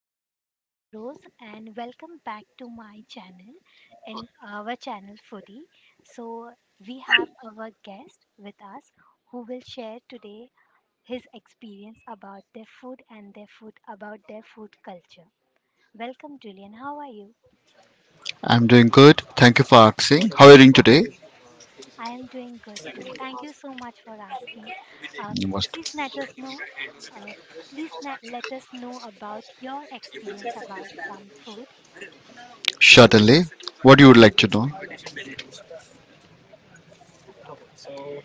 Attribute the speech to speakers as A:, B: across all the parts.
A: Hello, this is Imrose, and welcome back to my channel and our channel Foodie. So, we have our guest with us who will share today his experience about their food and their food about their food culture. Welcome, Julian. How are you?
B: I'm doing good. Thank you for asking. How are you doing today?
A: I am doing good too. Thank you so much for asking. Uh,
B: You must.
A: please let us know. Uh, Let us know about your experience about some food.
B: Certainly. What you would like to know?
A: Okay?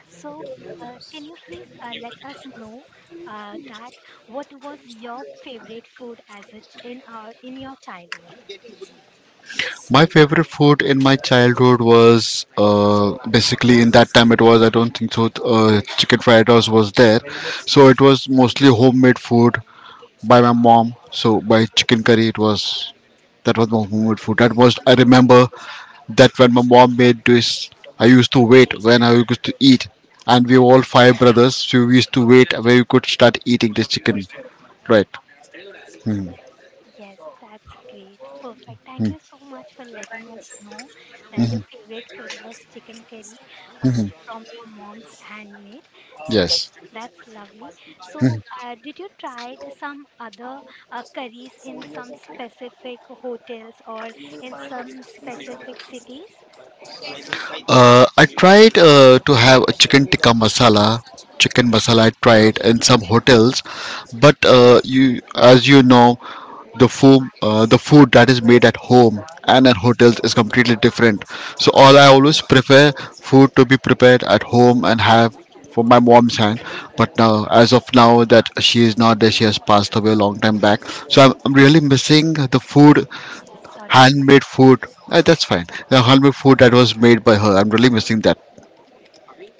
A: So, can you please let us know that what was your favorite food as a in our in your childhood?
B: My favorite food in my childhood was, basically in that time, it was I don't think so chicken fried rice was there, so it was mostly homemade food by my mom. So by chicken curry, it was that was my homemade food. That was I remember that when my mom made this, I used to wait when I used to eat. And we were all five brothers, so we used to wait where we could start eating the chicken. Right. Hmm.
A: Yes, that's great. Perfect. Thank you so much for letting us know that your favorite food was chicken curry, from your mom's handmade. So
B: Yes.
A: that's lovely. So, did you try some other curries in some specific hotels or in some specific cities?
B: I tried to have a chicken tikka masala. Chicken masala I tried in some hotels, but you, as you know, the food that is made at home and at hotels is completely different. So all I always
A: Correct.
B: prefer food to be prepared at home and have from my mom's hand. But now, as of now, that she is not there, she has passed away a long time back. So I'm really missing the food,
A: Yes, sorry to hear
B: handmade
A: that.
B: food. That's fine. The handmade food that was made by her. I'm really missing that.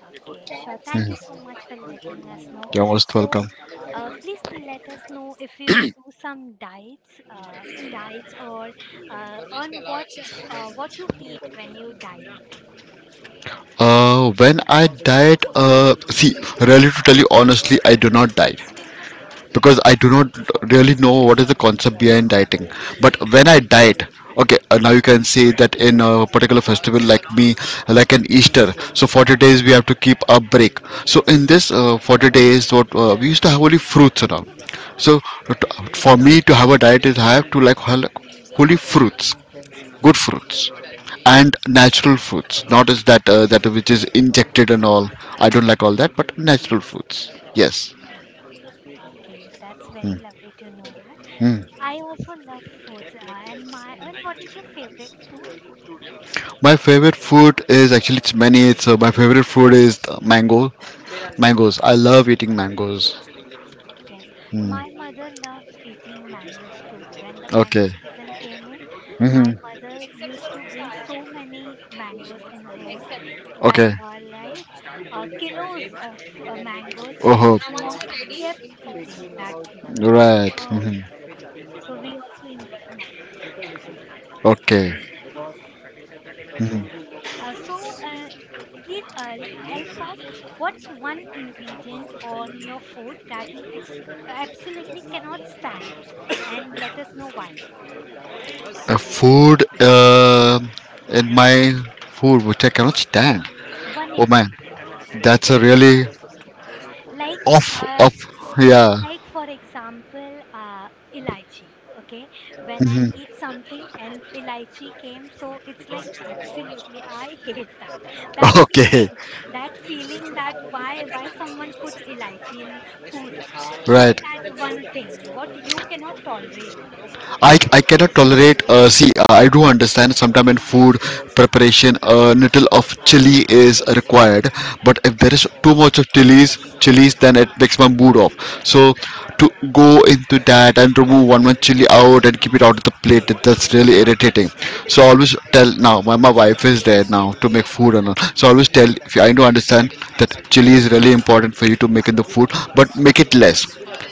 A: Okay, sure. Thank you so much for letting us know.
B: You're most
A: So,
B: welcome.
A: please let us know if you do some diets, diets or on what you eat when you diet.
B: When I diet, see, really to tell you honestly, I do not diet, because
A: Okay,
B: I do not really know what is the concept behind dieting. But when I diet, okay, now you can say that in a particular festival like me, like an Easter, so 40 days we have to keep a break. So in this 40 days, what we used to have only fruits around. So t- for me to have a diet is I have to like holy fruits, good fruits, and natural fruits, not as that that which is injected and all. I don't like all that, but natural fruits, yes.
A: okay, that's very lovely to know that. I also love foods. And what is your favorite fruit?
B: My favorite food is, actually, it's many. So my favorite food is the mango, mangoes. I love eating mangoes.
A: Yes, my mother loved eating mangoes too. When the mango
B: Okay.
A: season came in, my
B: Mm-hmm.
A: mother used to bring so many mangoes in home, like
B: Okay.
A: kilos of mangoes, and
B: Oh,
A: my mom kept eating that fruit.
B: right.
A: So,
B: Hmm.
A: so we also enjoy mangoes.
B: Okay.
A: Uh, so, uh, please help us. What's one ingredient on your food that you absolutely cannot stand, and let us know why.
B: A food. In my food, which I cannot stand.
A: One
B: Oh man,
A: ingredient.
B: that's a really
A: like
B: off
A: uh,
B: off. Yeah.
A: like for example, elaichi, okay, when I eat something and elaichi came, so it's like absolutely I hate that that
B: Okay.
A: feeling, that feeling that why someone puts elaichi in food. So
B: Right.
A: that one thing, what you cannot tolerate, ex-
B: I cannot tolerate. See, I do understand sometimes in food preparation, a little of chili is required. But if there is too much of chilies, then it makes my mood off. So to go into that and remove one chili out and keep it out of the plate, that's really irritating. So I always tell now, my wife is there now to make food and all, so I always tell, if you, I do understand that chili is really important for you to make in the food, but make it less,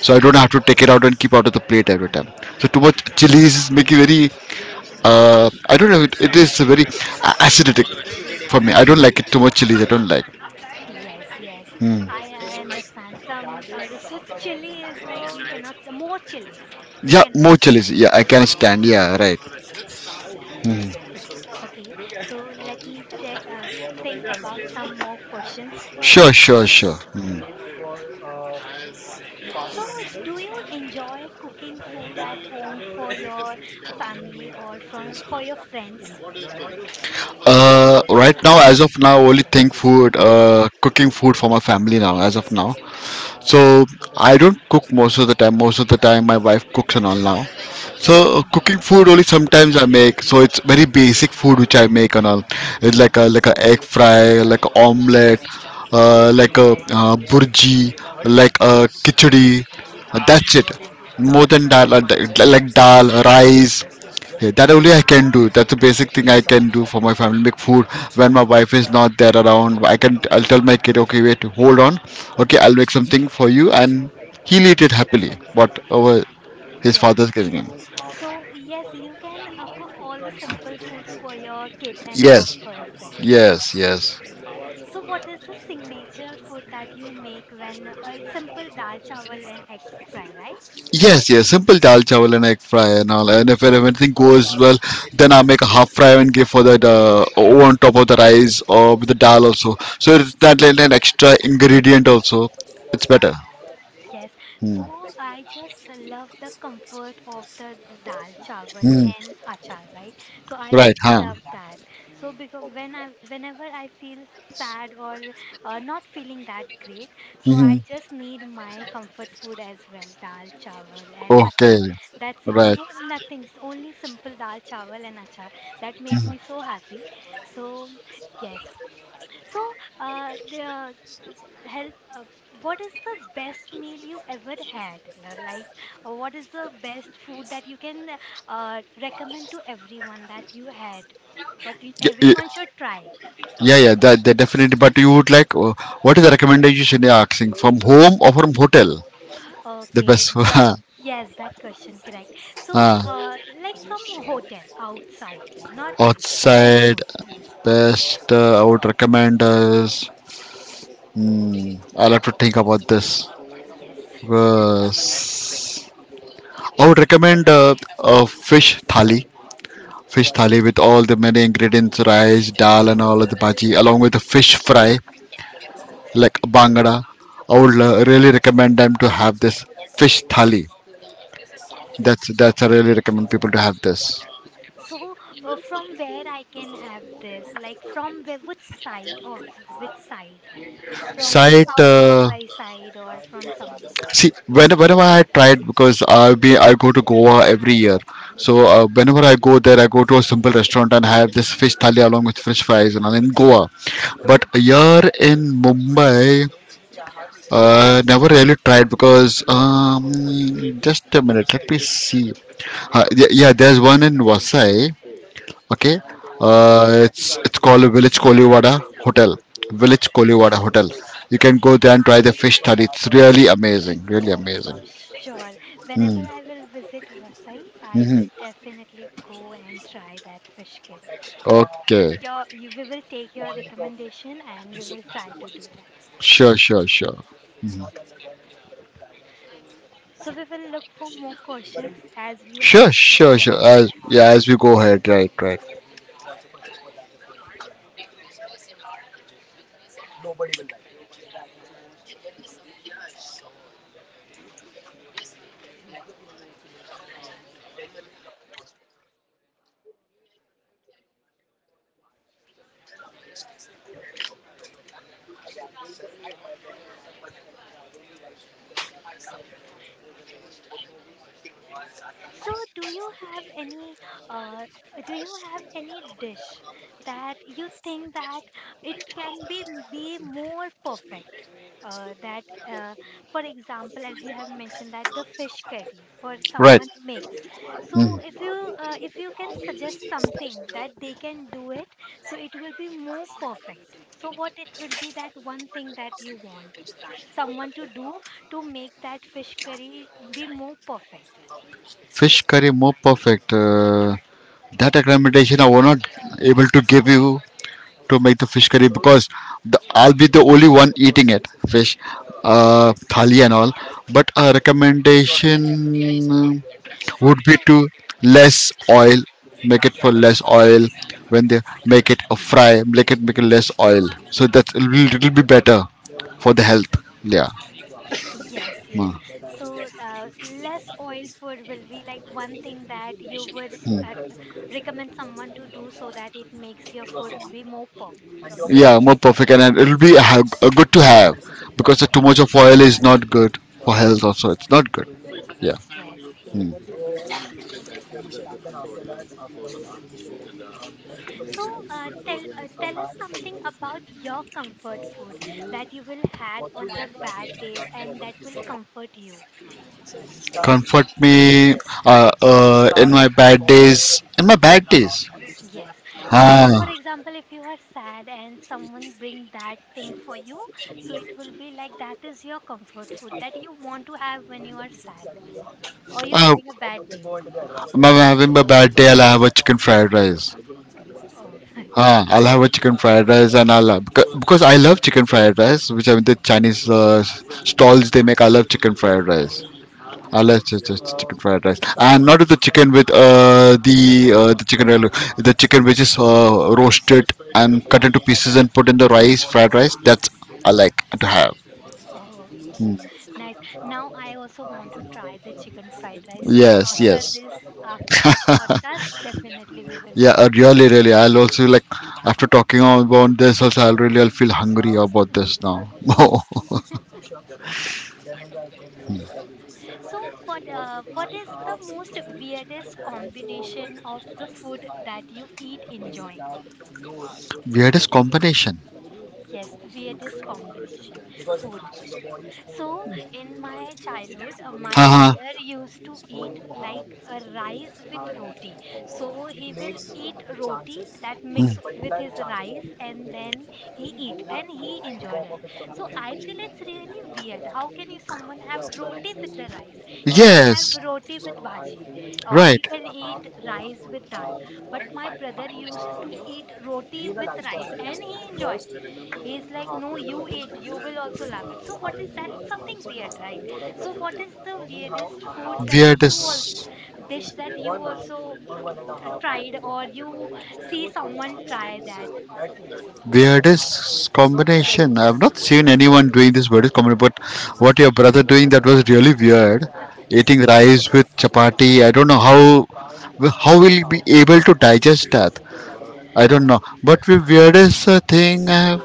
B: so I don't have to take it out and keep out of the plate every time. So too much chilies is making very, I don't know, it is very acidic for me. I don't like it. Too much chilies I don't like.
A: yes, yes,
B: Hmm.
A: I, I understand. Some, the so chili is like you cannot, the more chilies you
B: Yeah,
A: cannot
B: more
A: stand.
B: chilies, yeah, I can stand. Yeah, right.
A: Okay, so let me check, think about some more questions for
B: Sure,
A: you.
B: sure, sure. Hmm.
A: So, do you enjoy cooking food at home for your family or from for your friends?
B: Right now, as of now, only think food, cooking food for my family now, as of now. So I don't cook most of the time. Most of the time, my wife cooks and all now. So cooking food only sometimes I make. So it's very basic food which I make and all. It's like a egg fry, like a omelette, like a burji, like a khichdi. That's it. More than that, like dal, rice. Yeah, that only I can do. That's the basic thing I can do for my family. Make food when my wife is not there around. I can. I'll tell my kid, okay, wait, hold on. Okay, I'll make something for you, and he'll eat it happily. Whatever his
A: Yes.
B: father's giving him.
A: So, yes, you can cook all the simple foods for your kid and
B: Yes,
A: for your friends.
B: yes,
A: Okay.
B: yes.
A: So, what is the signature food that you make when it's simple dal chawal and egg fry, right?
B: Yes, yes, simple dal chawal and egg fry and all. And if everything goes well, then I make a half fry and give for that over on top of the rice or with the dal also. So it's that like an extra ingredient also. It's better.
A: Yes, so I just love the comfort of the dal chawal
B: Hmm.
A: and achar, right? So I
B: Right,
A: also
B: huh?
A: love that. So because when I, whenever I feel sad or not feeling that great, so I
B: Mhm.
A: just need my comfort food as well, dal chawal and achar.
B: Okay,
A: That's it.
B: right.
A: No, nothing. Only simple dal chawal and achar. That makes me so happy. So yes, so, the help. What is the best meal you ever had? What is the best food that you can recommend to everyone that you had, that you,
B: Y- y-
A: everyone should try?
B: Yeah, yeah, that definitely. But you would like, what is the recommendation you're asking? From home or from hotel? The
A: Okay,
B: best.
A: yeah, Yes, that question correct. So,
B: Uh,
A: like from a hotel outside, not for home
B: outside,
A: food.
B: best. I would recommend us. Hmm, I'll have to think about this.
A: Yes,
B: Uh, s- I would recommend a fish thali. Fish thali with all the many ingredients, rice, dal, and all of the bhaji, along with the fish fry like Bangada. I would really recommend them to have this fish thali.
A: yes.
B: That's I really recommend people to have this.
A: So, from where I can have this? Like from where, which side or which side? From
B: Sight.
A: South Mumbai side or from somewhere?
B: See, when, whenever I tried, because I go to Goa every year, so whenever I go there, I go to a simple restaurant and have this fish thali along with fish fries and all in Goa. But here in Mumbai, never really tried because just a minute. Let me see. Yeah, there's one in Vasai. Okay,
A: Yes,
B: it's called Village Koliwada Hotel. Village
A: yes,
B: Koliwada Hotel. You can go there and try the fish thali. It's really amazing, really amazing.
A: sure. Whenever I will visit Vasai, I will
B: Mm-hmm.
A: definitely go and try that fish curry.
B: Okay,
A: We will take your recommendation and we will try to do that.
B: sure, sure, sure,
A: So we will look for more questions as we have
B: sure,
A: some
B: sure, sure.
A: time with
B: As
A: us.
B: yeah, as we go ahead, right, right,
A: So, do you have any uh, do you have any dish that you think that it can be more perfect? Uh, that, uh, for example, as you have mentioned, that the fish curry for
B: right.
A: someone makes. So, if you can suggest something that they can do it, so it will be more perfect. So, what it will be, that one thing that you want someone to do to make that fish curry be more perfect?
B: Fish curry more perfect. That recommendation I was not able to give you to make the fish curry, because I'll be the only one eating it, fish, thali and all. But a recommendation uh,
A: So
B: would
A: for
B: be to less oil, make it for less oil when they make it a fry, make it less oil. So that will, it'll be little bit better for the health. Yeah,
A: yes, yes.
B: mm.
A: So less oil food will be like one thing that you would uh, recommend someone to do so that it makes your food be more perfect on this.
B: Yeah, more perfect, and it'll be good to have, because too much
A: Yes.
B: of oil is not good for health. Also, it's not good. Yeah.
A: Yes, yes. So, tell us something about your comfort food that you will had on the bad days and that will comfort you.
B: Comfort me, in my bad days. In my bad days.
A: Yes, that for
B: Ah,
A: example, if you are sad and someone bring that thing for you, so it will be like that is your comfort food that you want to have when you are sad or you're
B: uh,
A: having a bad day.
B: I'm having my bad day. I'll have a chicken fried rice.
A: Oh, nice.
B: Ah, I'll have a chicken fried rice, and I'll have, because I love chicken fried rice, which I mean the Chinese stalls they make. I love chicken fried rice. I love chicken fried rice, and not with the chicken, with the chicken, the chicken which is roasted and cut into pieces and put in the rice fried rice. That's I like to have.
A: Oh, oh, nice. Now I also want to try the chicken fried rice. So
B: Yes, yes.
A: after this podcast, definitely we will
B: Yeah,
A: try.
B: really, really. I'll also like after talking about this. Also, I'll really I'll feel hungry about this now.
A: So what is the most weirdest combination of the food that you eat enjoying?
B: Weirdest combination.
A: Yes, weirdest combination food. So in my childhood, my
B: Uh
A: brother
B: huh.
A: used to eat like a rice with roti. So he will eat roti that mix with his rice and then he eat and he enjoy that. So I feel it's really weird. How can you, someone have roti with the rice? You can
B: Yes.
A: have roti with bhaji or you
B: Right.
A: can eat rice with dal. But my brother used to eat roti with rice and he enjoy, he's like, no, you eat, you will also love it. So what is that, something weird, right? So what is the weirdest food that you also,
B: Weirdest.
A: dish that you also tried or you see someone try that.
B: Weirdest combination. I've not seen anyone doing this weirdest combination, but what your brother doing, that was really weird. Eating rice with chapati. I don't know how will he be able to digest that. I don't know. But the weirdest thing I have,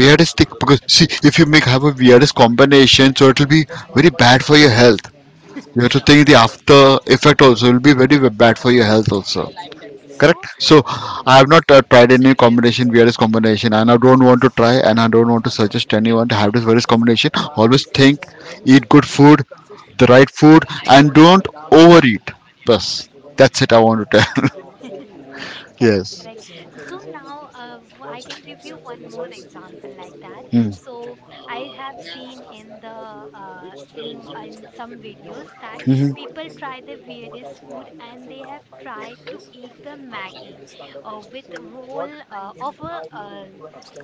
B: weirdest thing, because see, if you make have a weirdest combination, so it'll be very bad for your health. You have to
A: Yes.
B: think the after effect also will be very bad for your health also. Correct,
A: so
B: so I have
A: yes,
B: not tried any combination, weirdest combination, and I don't want to try, and I don't want to suggest anyone to have this weirdest combination. Always think, eat good food, the
A: yes,
B: right food,
A: correct
B: and don't overeat. Plus, that's it I want to tell.
A: correct
B: Yes.
A: correct. So now I can give you one more example like that.
B: Mm-hmm.
A: So I have seen in the uh, in in some videos that
B: Mm-hmm.
A: people try the weirdest food and they have tried to eat the maggie with roll of a, uh,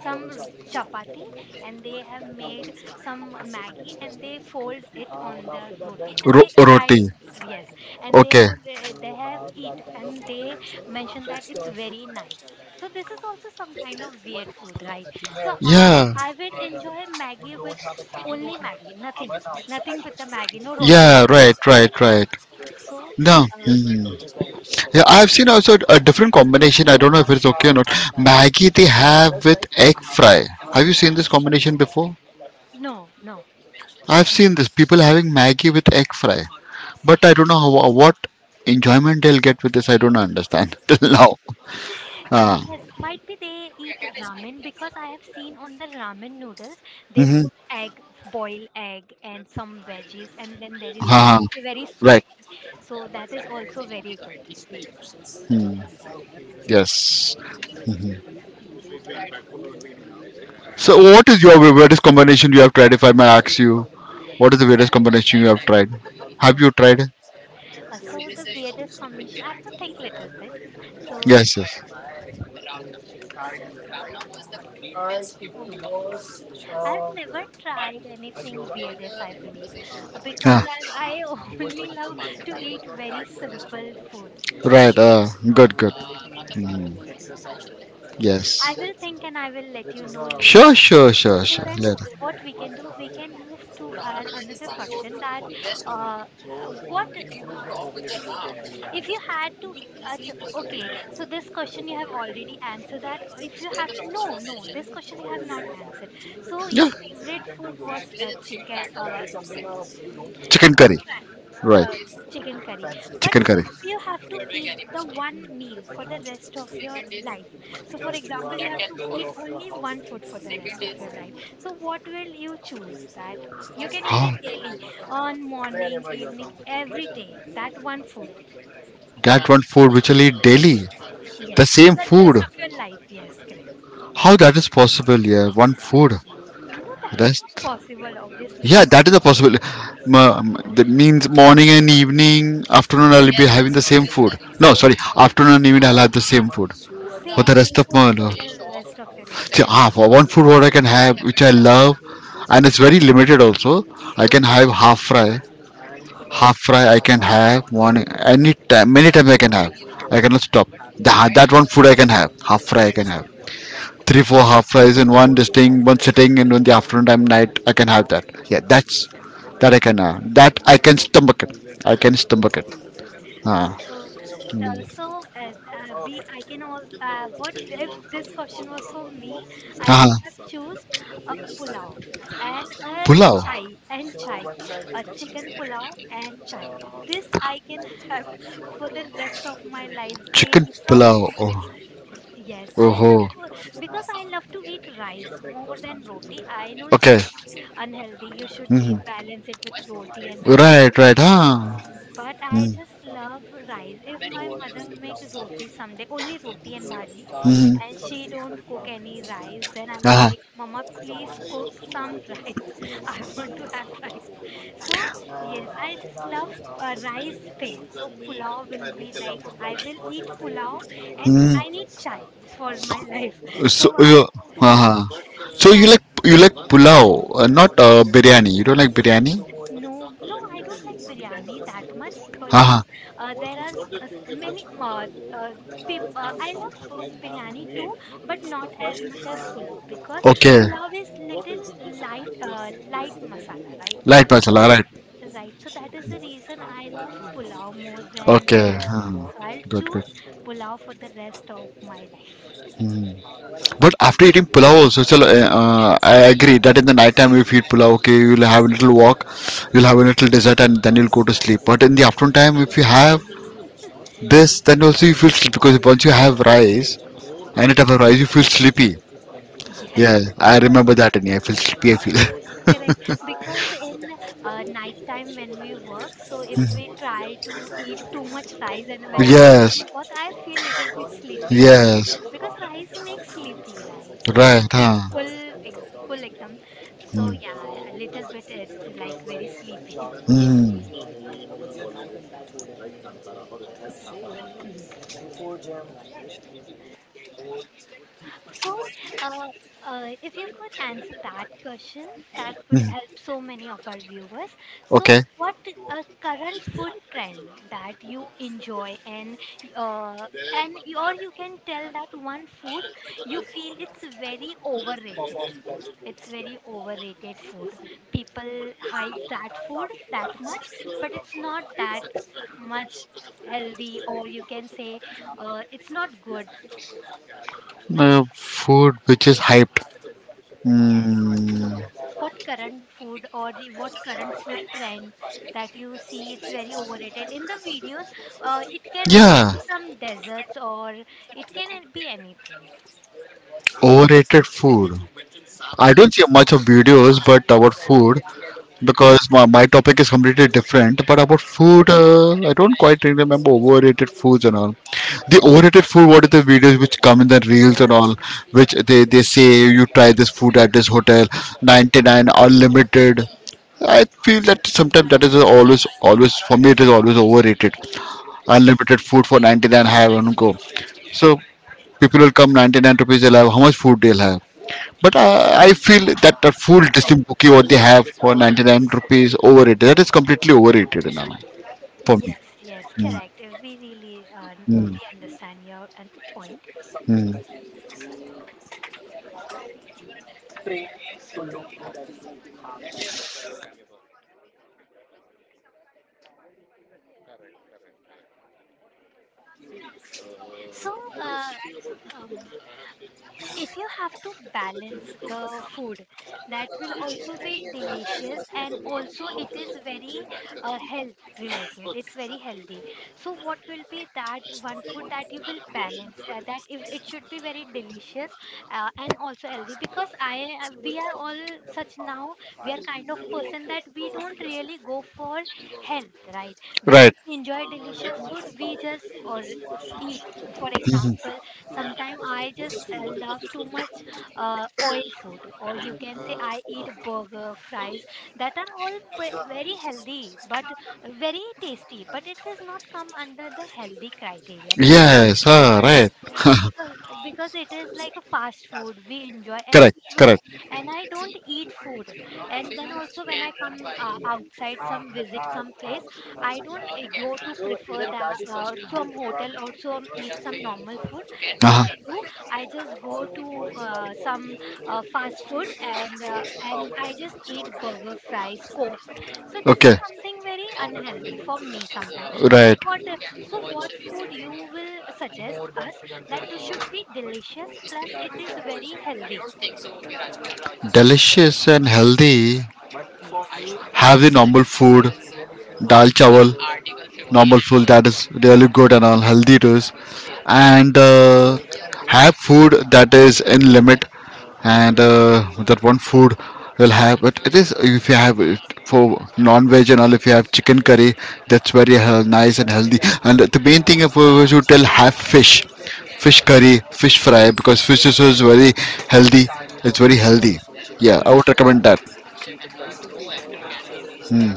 A: some r- chapati, and they have made some maggie and they fold it on the roti and
B: Ro-
A: they try.
B: roti.
A: Yes, and
B: Okay.
A: they have eat and they mentioned that it's very nice. So this is also some kind of weird food, right? So
B: Yeah.
A: I would enjoy Maggie with only Maggie, nothing, nothing with the Maggie, no roti, no
B: Yeah,
A: rice.
B: right, right, right.
A: So,
B: No,
A: uh,
B: mm. Yeah,
A: so
B: I've seen also a different combination. I don't know if it's okay or not. Maggi they have with egg fry. Have you seen this combination before?
A: no, no,
B: I've
A: no.
B: seen this people having Maggi with egg fry, but I don't know how, what enjoyment they'll get with this. I don't understand till now. Ah,
A: Yes, might be they eat ramen, because I have seen on the ramen noodles they
B: mm-hmm.
A: put egg, boil egg, and some veggies, and
B: Ah,
A: then there is noodles, a
B: right.
A: very soup. So that is also very good.
B: Hmm. Yes. So, what is your weirdest combination you have tried? If I may ask you, what is the weirdest combination you have tried? Have
A: Okay.
B: you tried?
A: So the weirdest combination. I have to think a little bit. So
B: Yes, yes.
A: um, I've never tried anything weirdest, I believe, because
B: Ah.
A: I only love to eat very simple foods.
B: Right. Good. Good.
A: Um,
B: Mm, yes.
A: I will think and I will let you know later.
B: Sure.
A: But
B: Sure. Sure.
A: till
B: Sure.
A: then,
B: Later.
A: what we can do, we can move to our another question. That uh, what If you had to, okay, so this question you have already answered that. If you have, no, no, this question you have not answered. So your
B: Yeah.
A: favorite food was chicken, mm,
B: Chicken
A: chicken,
B: curry.
A: fri- uh,
B: Right.
A: chicken curry. But
B: Chicken curry.
A: if you have to eat the one meal for the rest of your life, so for example, you have to eat only one food for the rest of your life. So what will you choose? That you can eat it
B: How
A: daily, on morning, evening, every day. That one food.
B: that one food which I eat daily. The
A: Yes, for
B: same
A: the
B: food.
A: rest of your life. Yes, recommend correct.
B: How that is possible? Yeah. One food.
A: No, you, that and is not
B: Rest.
A: possible, and
B: Yeah.
A: obviously.
B: That is a possibility. That means morning and evening, afternoon I'll be having the same food. No, sorry. Afternoon and evening I'll have the same food for
A: Same,
B: the rest
A: same
B: of
A: food
B: my
A: for
B: life.
A: the rest of your life,
B: So,
A: correct?
B: ah, for one food what I can have, which I love, and it's very limited also. I can have half fry. Half fry I can have one any time, many times I can have. I cannot stop. That one food I can have. Half fry I can have. Three, four half fries in one this thing, one sitting, and one the afternoon time, night I can have that. Yeah, that's that I can have. That I can stomach it. I can stomach it. Ah,
A: So, the, so I can also, what if this question was for me, I would
B: ah,
A: have chosen a pulao and a
B: pulao,
A: chai, a chicken pulao and chai. This I can have for the rest of my life
B: chicken
A: daily from,
B: pulao. Oh,
A: yes, I love
B: oh,
A: to, because I love to eat rice more than roti. I know it's
B: okay.
A: very unhealthy. You should eat,
B: Hmm.
A: balance it with roti and rice.
B: Right, right. Huh?
A: But I
B: Mm.
A: just love rice. If my mother make roti someday, only roti and bhaji,
B: Mm.
A: and she don't cook any rice, then I would
B: Ah.
A: like, Mama, please cook some rice. I want to have rice. So yes, I just love rice thing. So pulao will be like I will eat pulao, and
B: Mm.
A: I need chai for my life.
B: So
A: So I
B: you. Ah. So
A: so
B: you
A: I
B: like you like pulao, not biryani. You don't like biryani.
A: No, no, I don't like biryani that much because
B: Ah.
A: there are s- s- many uh, people. I love biryani too, but not as much as pulao because
B: Okay.
A: pulao is little light, light masala, right?
B: Light masala.
A: So,
B: Right.
A: right. So that is the reason I love pulao more than
B: Okay.
A: biryani.
B: Hmm.
A: So I'll
B: Good. Good.
A: choose pulao for the rest of my life.
B: Hmm. But after eating pulao also, so, I agree that in the night time if you eat pulao, okay, you'll have a little walk, you'll have a little dessert, and then you'll go to sleep. But in the afternoon time, if you have this, then also you feel sleep, because once you have rice, any type of rice, you feel sleepy.
A: Yes,
B: Yeah, I remember that. And I feel sleepy. I
A: correct,
B: feel.
A: because in nighttime when we work, so if we try to eat too much rice, and when I come
B: Yes.
A: to work, I feel little bit sleepy too,
B: Yes.
A: because rice makes sleepy, right? When
B: Right.
A: we eat
B: Huh.
A: full, full ekdam, so yeah, a little bit it's like very sleepy.
B: Mm-hmm.
A: So, uh, if you could answer that question, that would help so many of our viewers. So,
B: Okay.
A: what a current food trend that you enjoy, and uh, or you can tell that one food you feel it's very overrated. It's very overrated food. People hype that food that much, but it's not that much healthy, or you can say it's not good.
B: Food which is hyped.
A: Yes.
B: Mm,
A: What current food trend that you see it's very overrated in the videos, it can also
B: yeah.
A: be some desserts or it can be anything.
B: Overrated food. I
A: Yes,
B: don't see much of videos, but about food. Because my topic is completely different, but about food, I don't quite remember overrated foods and all. The overrated food, what are the videos which come in the reels and all, which they say you try this food at this hotel, 99 unlimited. I feel that sometimes, that is always always for me. It is always overrated. Unlimited food for 99, have and go. So people will come, 99 rupees they'll have, how much food they'll have. But I feel that the full
A: correct.
B: Disney bookie what they have for 99 rupees overrated. That is completely overrated now for me.
A: Yes, yes, correct. We really
B: Mm,
A: we understand your point.
B: mm.
A: So, uh, um, if you have to balance the food that will also be delicious and also it is very health related, it's very healthy, so what will be that one food that you will balance, that if it should be very delicious and also healthy, because I we are all such now. We are kind of person that we don't really go for health, right? When
B: Right.
A: we enjoy delicious food we just or eat. For example, sometimes I just love too much oil food, or you can say I eat burger, fries that are all very healthy but very tasty, but it does not come under the healthy criteria, because
B: Yes. Huh, right.
A: uh, because because it is like a fast food we enjoy, and
B: Correct.
A: even
B: Correct.
A: and I don't eat food. And then also when I come outside, some visit some place, I don't go to prefer that some hotel or some eat some normal food. What
B: uh
A: I do, I just go to some fast food, and and I just eat burger fries coke. So this is
B: Okay.
A: something very unhealthy for me sometimes. So
B: Right.
A: what so, what food you will suggest us that should be delicious plus it is very healthy?
B: Delicious and healthy.
A: Yes,
B: Have the normal food. Dal chawal. Normal food, that is really good and all, healthy to us, and have food that is in limit, and that one food will have. But it is, if you have it for non-veg and all, if you have chicken curry, that's very nice and healthy. And the main thing, if you should tell, have fish, fish curry, fish fry, because fish is very healthy. It's very
A: yes,
B: healthy. Yeah, I
A: yes,
B: would
A: yes,
B: recommend that.
A: yes.
B: Hmm.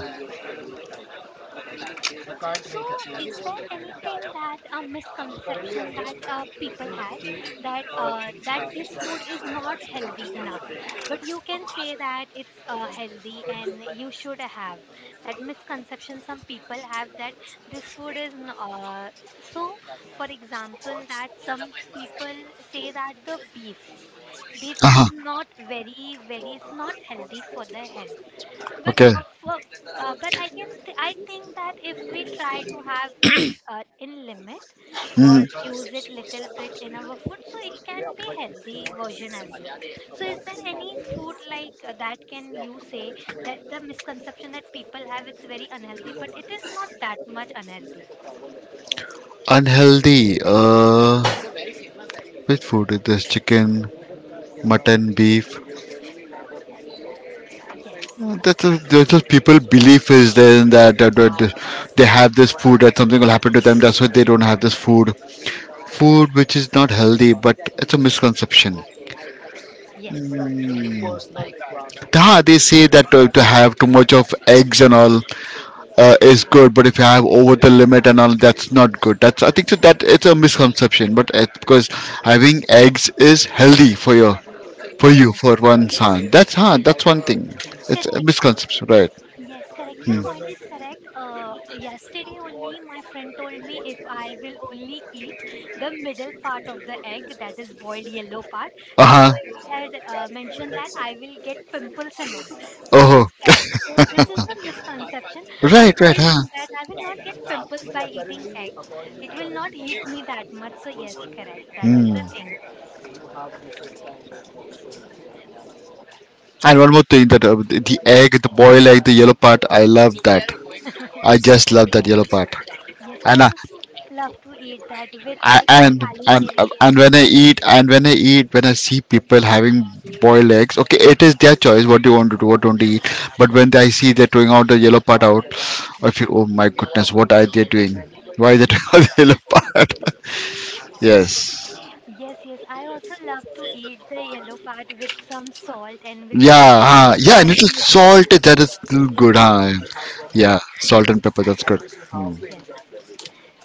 A: So, is there anything that a misconception that people have, that that this food is not healthy enough, but you can say that it's healthy and you should have. That misconception some people have, that this food is so for example that some people say that the beef, beef is
B: Uh-huh.
A: not very it's not healthy for the health, but
B: Okay.
A: for, but I can I think that if we try to have in limit or
B: Hmm.
A: use it little bit in our food, so it can be healthy version as well. So is there any food like, that can you say that the misconception that people have, it's very unhealthy but it is not that much unhealthy?
B: Unhealthy, which food? There's chicken, mutton, beef.
A: yes
B: That's that's just people belief is there in that, that they have this food, that something will happen to them. That's why they don't have this food. Food which is not healthy, but it's a misconception.
A: yes
B: They say that, to have too much of eggs and all, is good, but if you have over the limit and all, that's not good. That's, I think so, that it's a misconception, but because having eggs is healthy for you
A: yes
B: for one
A: yes
B: son. That's one thing. It's a
A: correct
B: misconception, right?
A: Yes, correct. Your point is correct. Yesterday only, my friend told me if I will only eat the middle part of the egg, that is boiled yellow part.
B: Uh
A: So
B: huh.
A: he had mentioned that I will get pimples and all. So yes,
B: Oh,
A: correct. So this is the misconception. I
B: right,
A: told
B: right, huh?
A: him that I will not get pimples by eating egg. It will not hit me that much. So yes, correct. That is
B: Hmm.
A: the thing.
B: And one more thing, that the
A: Yes,
B: egg, the boiled egg, the yellow part, I love that. I just love that yellow part.
A: yes. I
B: And
A: also love to eat that with
B: I,
A: like kali miri
B: and
A: and so.
B: when I see people having boiled eggs, okay, it is their choice what they want to do, what don't they eat. But when I see they're throwing out the yellow part out, I feel, oh my goodness, what are they doing? Why are they throwing out the yellow part? Yes.
A: Yes, yes. I also love to eat the yellow part with some salt and with
B: Yeah,
A: little bit
B: huh.
A: of
B: Yeah, and
A: kali
B: little
A: mirch.
B: salt, that is still good, huh?
A: Yes,
B: Yeah, salt and pepper, that's good. Hmm.
A: yes.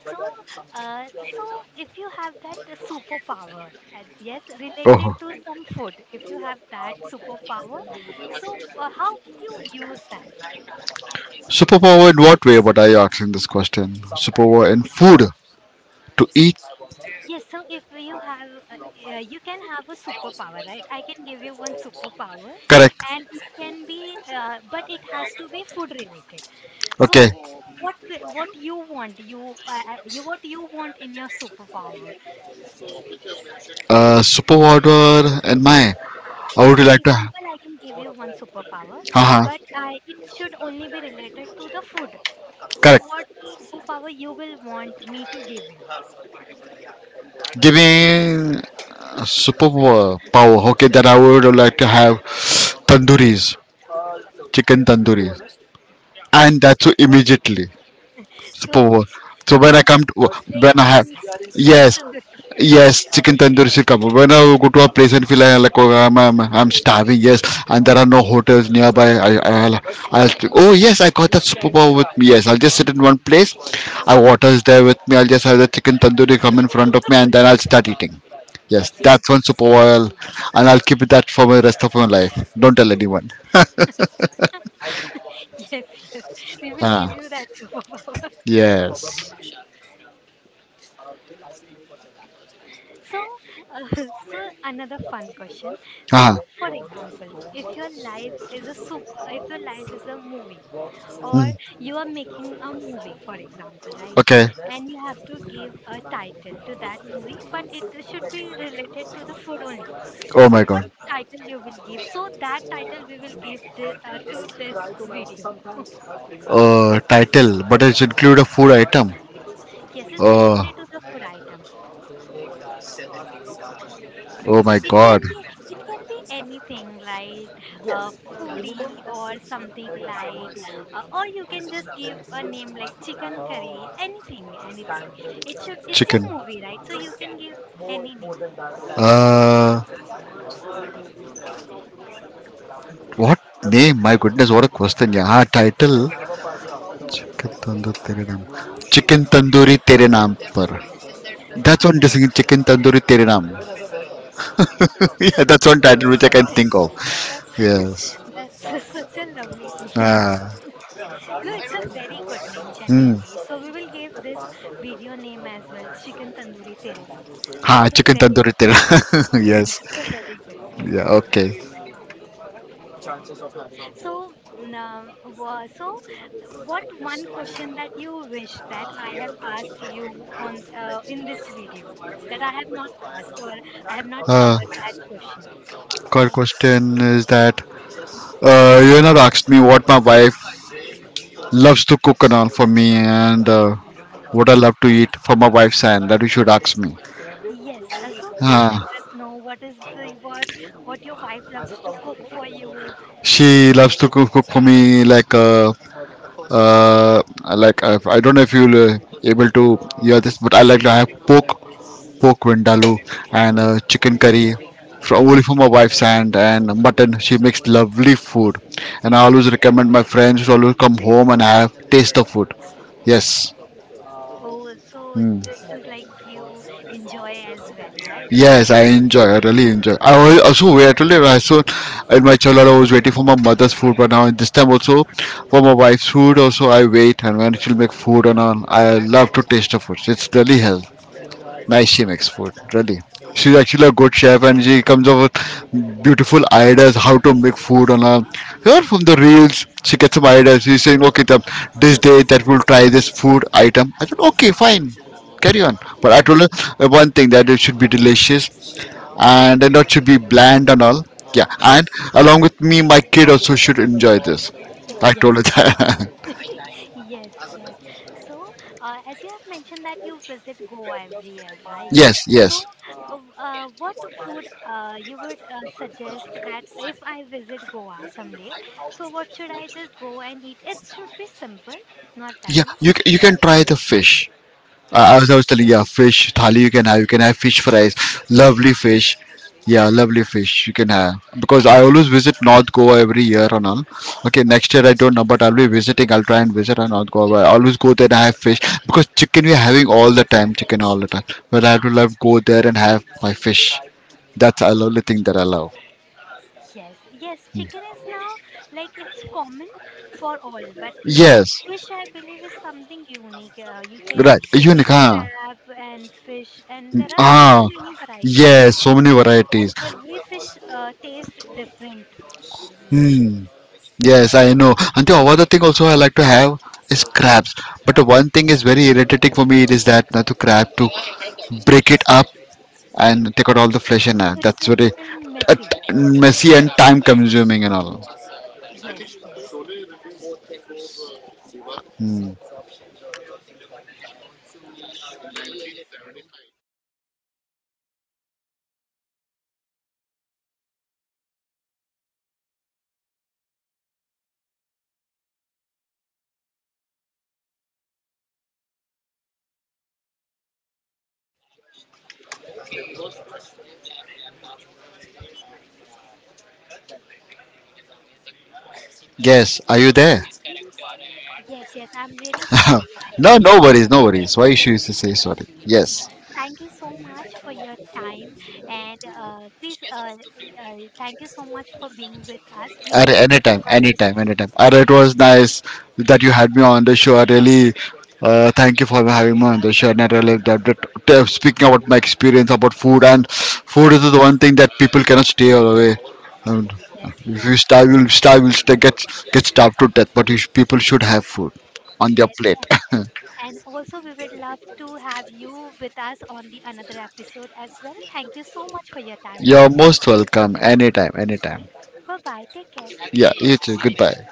A: So, uh, so if you have that superpower, and yes, related
B: Oh.
A: to some food, if you have that superpower, so how would you use that?
B: Superpower in what way? What are you asking this question? Superpower in food to eat,
A: Yes, so if you have, you can have a superpower, right? I can give you one superpower,
B: correct?
A: and it can be, but it has to be food related.
B: Okay.
A: So, what you want, you what you want in your superpower.
B: Super what were and my. I
A: So,
B: would you
A: for
B: like to.
A: example, I can give you one superpower,
B: Uh-huh.
A: but I, it should only be related to the food. So,
B: Correct.
A: what superpower you will want me to give you?
B: Give me a super power. Okay, that I would like to have tandoori's, chicken tandoori's, and that's immediately.
A: So,
B: Super Bowl. So
A: you
B: when I
A: can
B: come
A: just
B: to when
A: think
B: I have
A: and chicken
B: Yes.
A: tandoori.
B: Yes, chicken tandoori should come. When I go to a place and feel like, oh, I'm starving, yes, and there are no hotels nearby. Oh, yes, I got that Super Bowl with me. Yes, I'll just sit in one place, I water's there with me, I'll just have the chicken tandoori come in front of me, and then I'll start eating. Yes, that's one Super Bowl, and I'll keep that for my rest of my life. Don't tell anyone.
A: Yes, yes, we will give
B: Ah,
A: you that superpower.
B: yes.
A: So, uh, so another fun question.
B: Ah,
A: So, for example, if your life is a soup, if your life is a movie, or
B: mm,
A: you are making a movie, for example, right?
B: okay.
A: And you have to give a title to that movie, but it should be related to the food only.
B: Oh
A: So,
B: my
A: what
B: god.
A: title you will give? So that title we will give the, to this video.
B: Title, but it include a food item.
A: Yes, it's
B: Uh,
A: related to the food item.
B: oh my
A: It can
B: god,
A: be, it can be anything like, uh, foodie or something like, or you can just give a name like chicken curry, anything, anything. It should, it's your
B: chicken.
A: movie, right? So you can give any name.
B: Uh, what name? My goodness, what a question. Yeah, title. Chicken tandoori tere naam. Chicken tandoori tere naam par. That's one distinct chicken tandoori tere naam. Yeah, that's one title which I
A: That's
B: can think of. Yes.
A: that's that's such a lovely name.
B: Ah.
A: No, it's a very good name
B: Hmm.
A: genuinely, so we will give this video name as well, chicken tandoori tere naam.
B: Ha,
A: That's a
B: chicken
A: very
B: tandoori tere. Yes.
A: that's a very good name.
B: Yeah. Okay.
A: So, so what one question that you wish that I have asked you on in this video, that I have not asked, or I have not
B: Uh,
A: covered that question.
B: Third
A: So
B: question is that. Asked me what my wife loves to cook and all for me, and what I love to eat for my wife's hand. That you should ask me.
A: yes, so please let
B: Uh,
A: us know what is the what your wife loves to cook for you.
B: she loves to cook for me, uh, like I don't know if you'll able to hear this, but I like to have pork vindaloo, and chicken curry, only for my wife's hand, and mutton. She makes lovely food, and I always recommend my friends to always come home and have taste the food. Yes.
A: Oh, so this is like you enjoy as well, right?
B: Yes, I enjoy. I really enjoy. I also wait. Really, I so in my childhood I was waiting for my mother's food, but now at this time also for my wife's food. Also, I wait, and when she'll make food and all, I love to taste the food. It's really healthy. Nice she makes food, really. She's actually a good chef, and she comes up with beautiful ideas how to make food on a her from the reels. She gets some ideas. She's saying, okay, this day that we'll try this food item. I said, okay, fine, carry on. But I told her, one thing, that it should be delicious and then not should be bland and all. Yeah, and
A: Yes,
B: along with me, my kid also should enjoy this. I
A: yes.
B: told her that.
A: Yes, yes. So, as you have mentioned that you visit Goa every year, right?
B: Yes,
A: So,
B: yes.
A: what food you would suggest that if I visit Goa someday, so what should I just go and eat? It should be simple, not
B: Yeah,
A: that much.
B: you, you can try the fish. I, I
A: Fish.
B: was I was telling, yeah, fish thali you can have. You can have fish fries, lovely fish. Yeah, lovely fish you can have, because I always visit North Goa every year and all. Okay, next year I don't know, but I'll be visiting. I'll try and visit on North Goa. I always go there and have fish, because chicken we are having all the time, chicken all the time. But I have to love go there and have my fish. That's a lovely thing that I love.
A: Yes, yes, chicken is now like it's common for all, but
B: Yes,
A: fish I believe is something unique. You can
B: right. Unique,
A: eat
B: huh?
A: crab and fish, and there are so
B: Ah,
A: many varieties of
B: yes, so
A: fish,
B: many
A: and
B: varieties.
A: every fish tastes different. Yes,
B: Hmm. Yes, I know. And the other thing also I like to have is crabs. But one thing is very irritating for me, it is that not to crab to break it up and take out all the flesh
A: it's
B: and all.
A: a, it's
B: That's
A: a
B: very
A: little
B: uh,
A: messy.
B: messy and time consuming and all.
A: Yes, yes,
B: Hmm. Yes, are you there?
A: yes. I'm really sorry. I am.
B: No, no worries, no worries. Why she used to say sorry?
A: Yes,
B: Yes.
A: thank you so much for your time, and please thank you so much for being with us. We
B: At
A: really
B: anytime,
A: enjoyed this
B: anytime,
A: session.
B: anytime. And it was nice that you had me on the show. I really thank you for having me on the show. And I really, speaking about my experience about food, and food is the one thing that people cannot stay away. And
A: Yes,
B: if
A: yes,
B: you starve. You'll stay, get starved to death. But people should have food on their
A: yes,
B: plate.
A: and also we would love to have you with us on the another episode as well. Thank you so much for your time.
B: You're most welcome. Anytime, anytime.
A: Bye bye. Take care.
B: Yeah, you too. Goodbye.